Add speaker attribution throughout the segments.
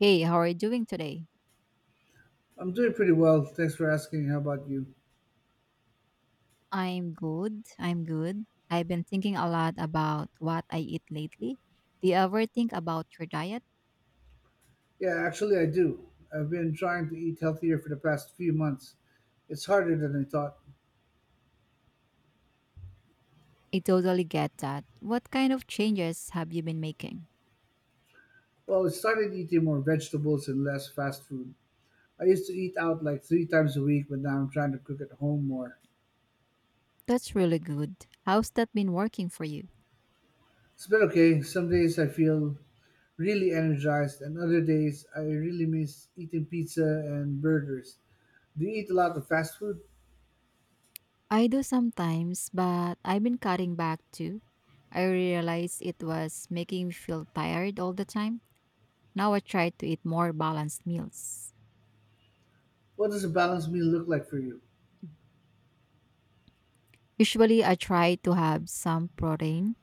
Speaker 1: Hey, how are you doing today?
Speaker 2: I'm doing pretty well. Thanks for asking. How about you?
Speaker 1: I'm good. I've been thinking a lot about what I eat lately. Do you ever think about your diet?
Speaker 2: Yeah, actually, I do. I've been trying to eat healthier for the past few months. It's harder than I thought.
Speaker 1: I totally get that. What kind of changes have you been making?
Speaker 2: Well, I started eating more vegetables and less fast food. I used to eat out like three times a week, but now I'm trying to cook at home more.
Speaker 1: That's really good. How's that been working for you?
Speaker 2: It's been okay. Some days I feel really energized, and other days I really miss eating pizza and burgers. Do you eat a lot of fast food?
Speaker 1: I do sometimes, but I've been cutting back too. I realized it was making me feel tired all the time. Now I try to eat more balanced meals.
Speaker 2: What does a balanced meal look like for you?
Speaker 1: Usually, I try to have some protein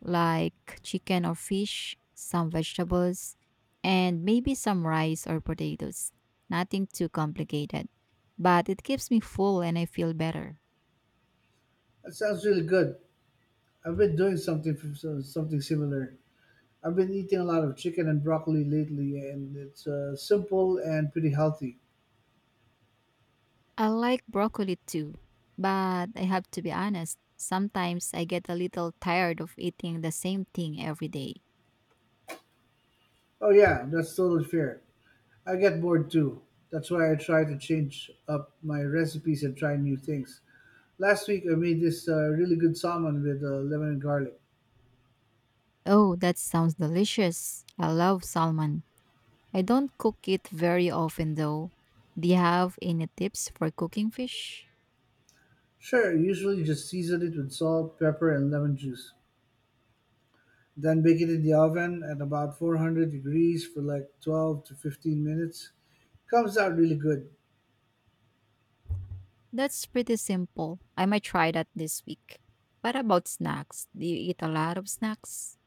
Speaker 1: like chicken or fish, some vegetables, and maybe some rice or potatoes. Nothing too complicated, but it keeps me full and I feel better.
Speaker 2: That sounds really good. I've been doing something similar. I've been eating a lot of chicken and broccoli lately, and it's simple and pretty healthy.
Speaker 1: I like broccoli too, but I have to be honest, sometimes I get a little tired of eating the same thing every day.
Speaker 2: Oh, yeah, that's totally fair. I get bored too. That's why I try to change up my recipes and try new things. Last week, I made this really good salmon with lemon and garlic.
Speaker 1: Oh, that sounds delicious. I love salmon. I don't cook it very often though. Do you have any tips for cooking fish?
Speaker 2: Sure, usually just season it with salt, pepper, and lemon juice. Then bake it in the oven at about 400 degrees for like 12 to 15 minutes comes out really good.
Speaker 1: That's pretty simple. I might try that this week. What about snacks? Do you eat a lot of snacks?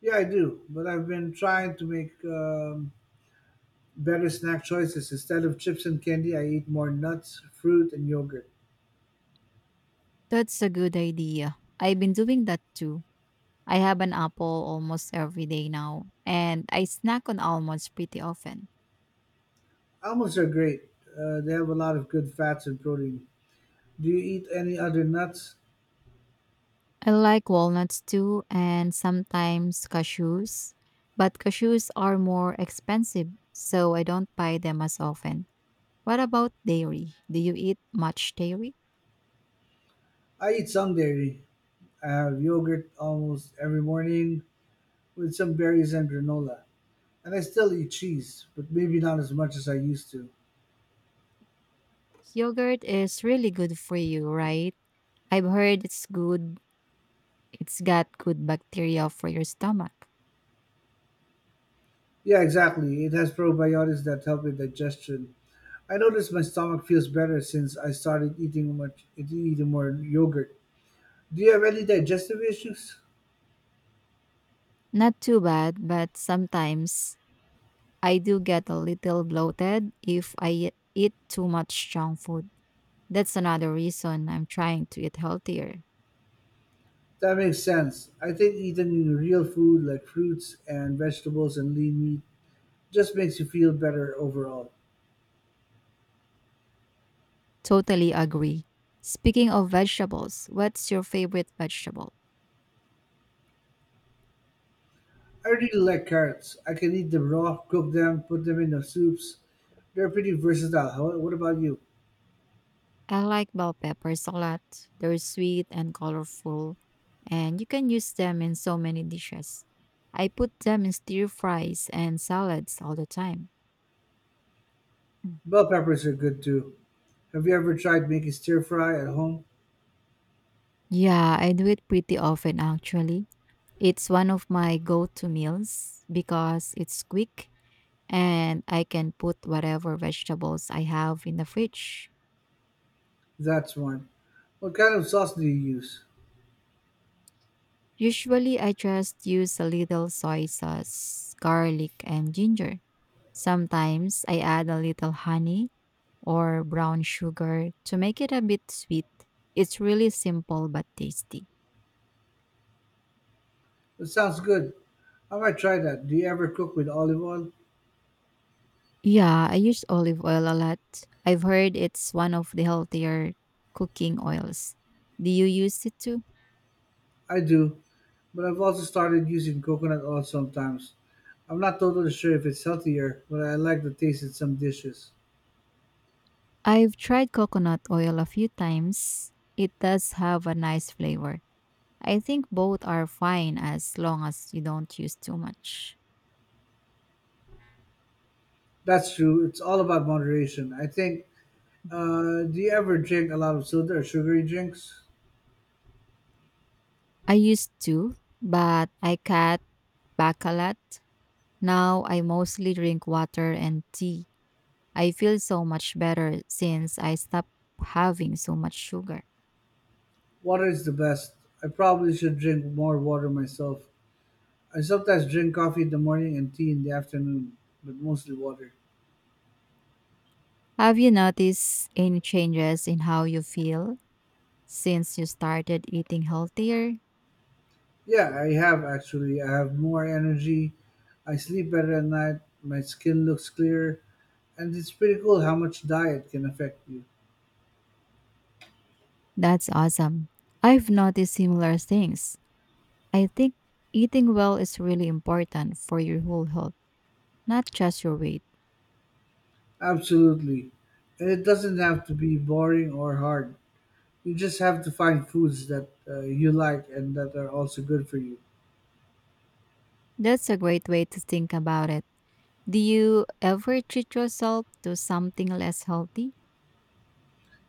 Speaker 2: Yeah, I do. But I've been trying to make better snack choices. Instead of chips and candy, I eat more nuts, fruit, and yogurt.
Speaker 1: That's a good idea. I've been doing that too. I have an apple almost every day now, and I snack on almonds pretty often.
Speaker 2: Almonds are great. They have a lot of good fats and protein. Do you eat any other nuts?
Speaker 1: I like walnuts too, and sometimes cashews, but cashews are more expensive, so I don't buy them as often. What about dairy? Do you eat much dairy?
Speaker 2: I eat some dairy. I have yogurt almost every morning with some berries and granola. And I still eat cheese, but maybe not as much as I used to.
Speaker 1: Yogurt is really good for you, right? I've heard it's good. It's got good bacteria for your stomach.
Speaker 2: Yeah, exactly. It has probiotics that help with digestion. I notice my stomach feels better since I started eating more yogurt. Do you have any digestive issues?
Speaker 1: Not too bad, but sometimes I do get a little bloated if I eat too much junk food. That's another reason I'm trying to eat healthier.
Speaker 2: That makes sense. I think eating real food like fruits and vegetables and lean meat just makes you feel better overall.
Speaker 1: Totally agree. Speaking of vegetables, what's your favorite vegetable?
Speaker 2: I really like carrots. I can eat them raw, cook them, put them in the soups. They're pretty versatile. What about you?
Speaker 1: I like bell peppers a lot. They're sweet and colorful, and you can use them in so many dishes. I put them in stir fries and salads all the time.
Speaker 2: Bell peppers are good too. Have you ever tried making stir fry at home?
Speaker 1: Yeah, I do it pretty often actually. It's one of my go to meals because it's quick and I can put whatever vegetables I have in the fridge.
Speaker 2: That's one. What kind of sauce do you use?
Speaker 1: Usually, I just use a little soy sauce, garlic, and ginger. Sometimes I add a little honey or brown sugar to make it a bit sweet. It's really simple but tasty.
Speaker 2: That sounds good. I might try that. Do you ever cook with olive oil?
Speaker 1: Yeah, I use olive oil a lot. I've heard it's one of the healthier cooking oils. Do you use it too?
Speaker 2: I do, but I've also started using coconut oil sometimes. I'm not totally sure if it's healthier, but I like the taste in some dishes.
Speaker 1: I've tried coconut oil a few times. It does have a nice flavor. I think both are fine as long as you don't use too much.
Speaker 2: That's true. It's all about moderation, I think. Do you ever drink a lot of soda or sugary drinks?
Speaker 1: I used to, but I cut back a lot. Now I mostly drink water and tea. I feel so much better since I stopped having so much sugar.
Speaker 2: Water is the best. I probably should drink more water myself. I sometimes drink coffee in the morning and tea in the afternoon, but mostly water.
Speaker 1: Have you noticed any changes in how you feel since you started eating healthier?
Speaker 2: Yeah, I have actually. I have more energy. I sleep better at night. My skin looks clearer. And it's pretty cool how much diet can affect you.
Speaker 1: That's awesome. I've noticed similar things. I think eating well is really important for your whole health, not just your weight.
Speaker 2: Absolutely. And it doesn't have to be boring or hard. You just have to find foods that you like and that are also good for you.
Speaker 1: That's a great way to think about it. Do you ever treat yourself to something less healthy?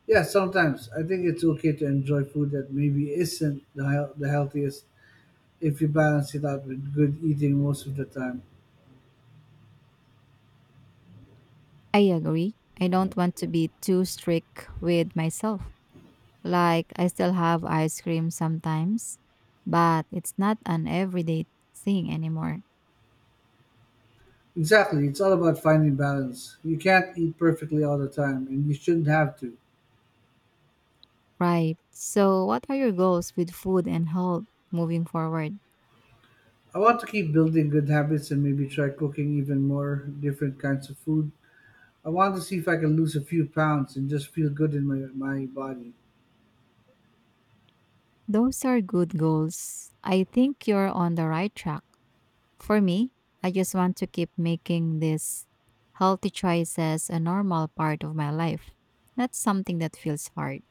Speaker 2: Yeah, sometimes I think it's okay to enjoy food that maybe isn't the healthiest if you balance it out with good eating most of the time.
Speaker 1: I agree. I don't want to be too strict with myself. Like, I still have ice cream sometimes, but it's not an everyday thing anymore.
Speaker 2: Exactly. It's all about finding balance. You can't eat perfectly all the time, and you shouldn't have to.
Speaker 1: Right. So, what are your goals with food and health moving forward?
Speaker 2: I want to keep building good habits and maybe try cooking even more different kinds of food. I want to see if I can lose a few pounds and just feel good in my body.
Speaker 1: Those are good goals. I think you're on the right track. For me, I just want to keep making these healthy choices a normal part of my life, not something that feels hard.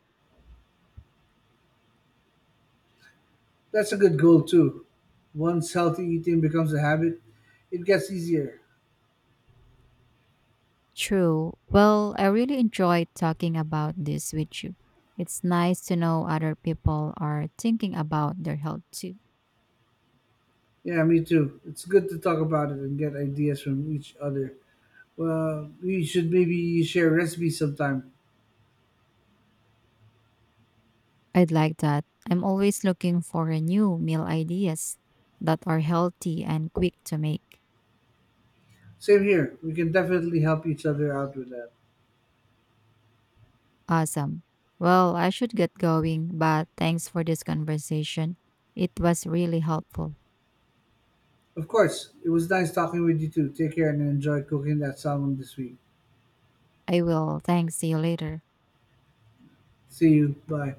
Speaker 2: That's a good goal, too. Once healthy eating becomes a habit, it gets easier.
Speaker 1: True. Well, I really enjoyed talking about this with you. It's nice to know other people are thinking about their health too.
Speaker 2: Yeah, me too. It's good to talk about it and get ideas from each other. Well, we should maybe share recipes sometime.
Speaker 1: I'd like that. I'm always looking for a new meal ideas that are healthy and quick to make.
Speaker 2: Same here. We can definitely help each other out with that.
Speaker 1: Awesome. Well, I should get going, but thanks for this conversation. It was really helpful.
Speaker 2: Of course. It was nice talking with you too. Take care and enjoy cooking that salmon this week.
Speaker 1: I will. Thanks. See you later.
Speaker 2: See you. Bye.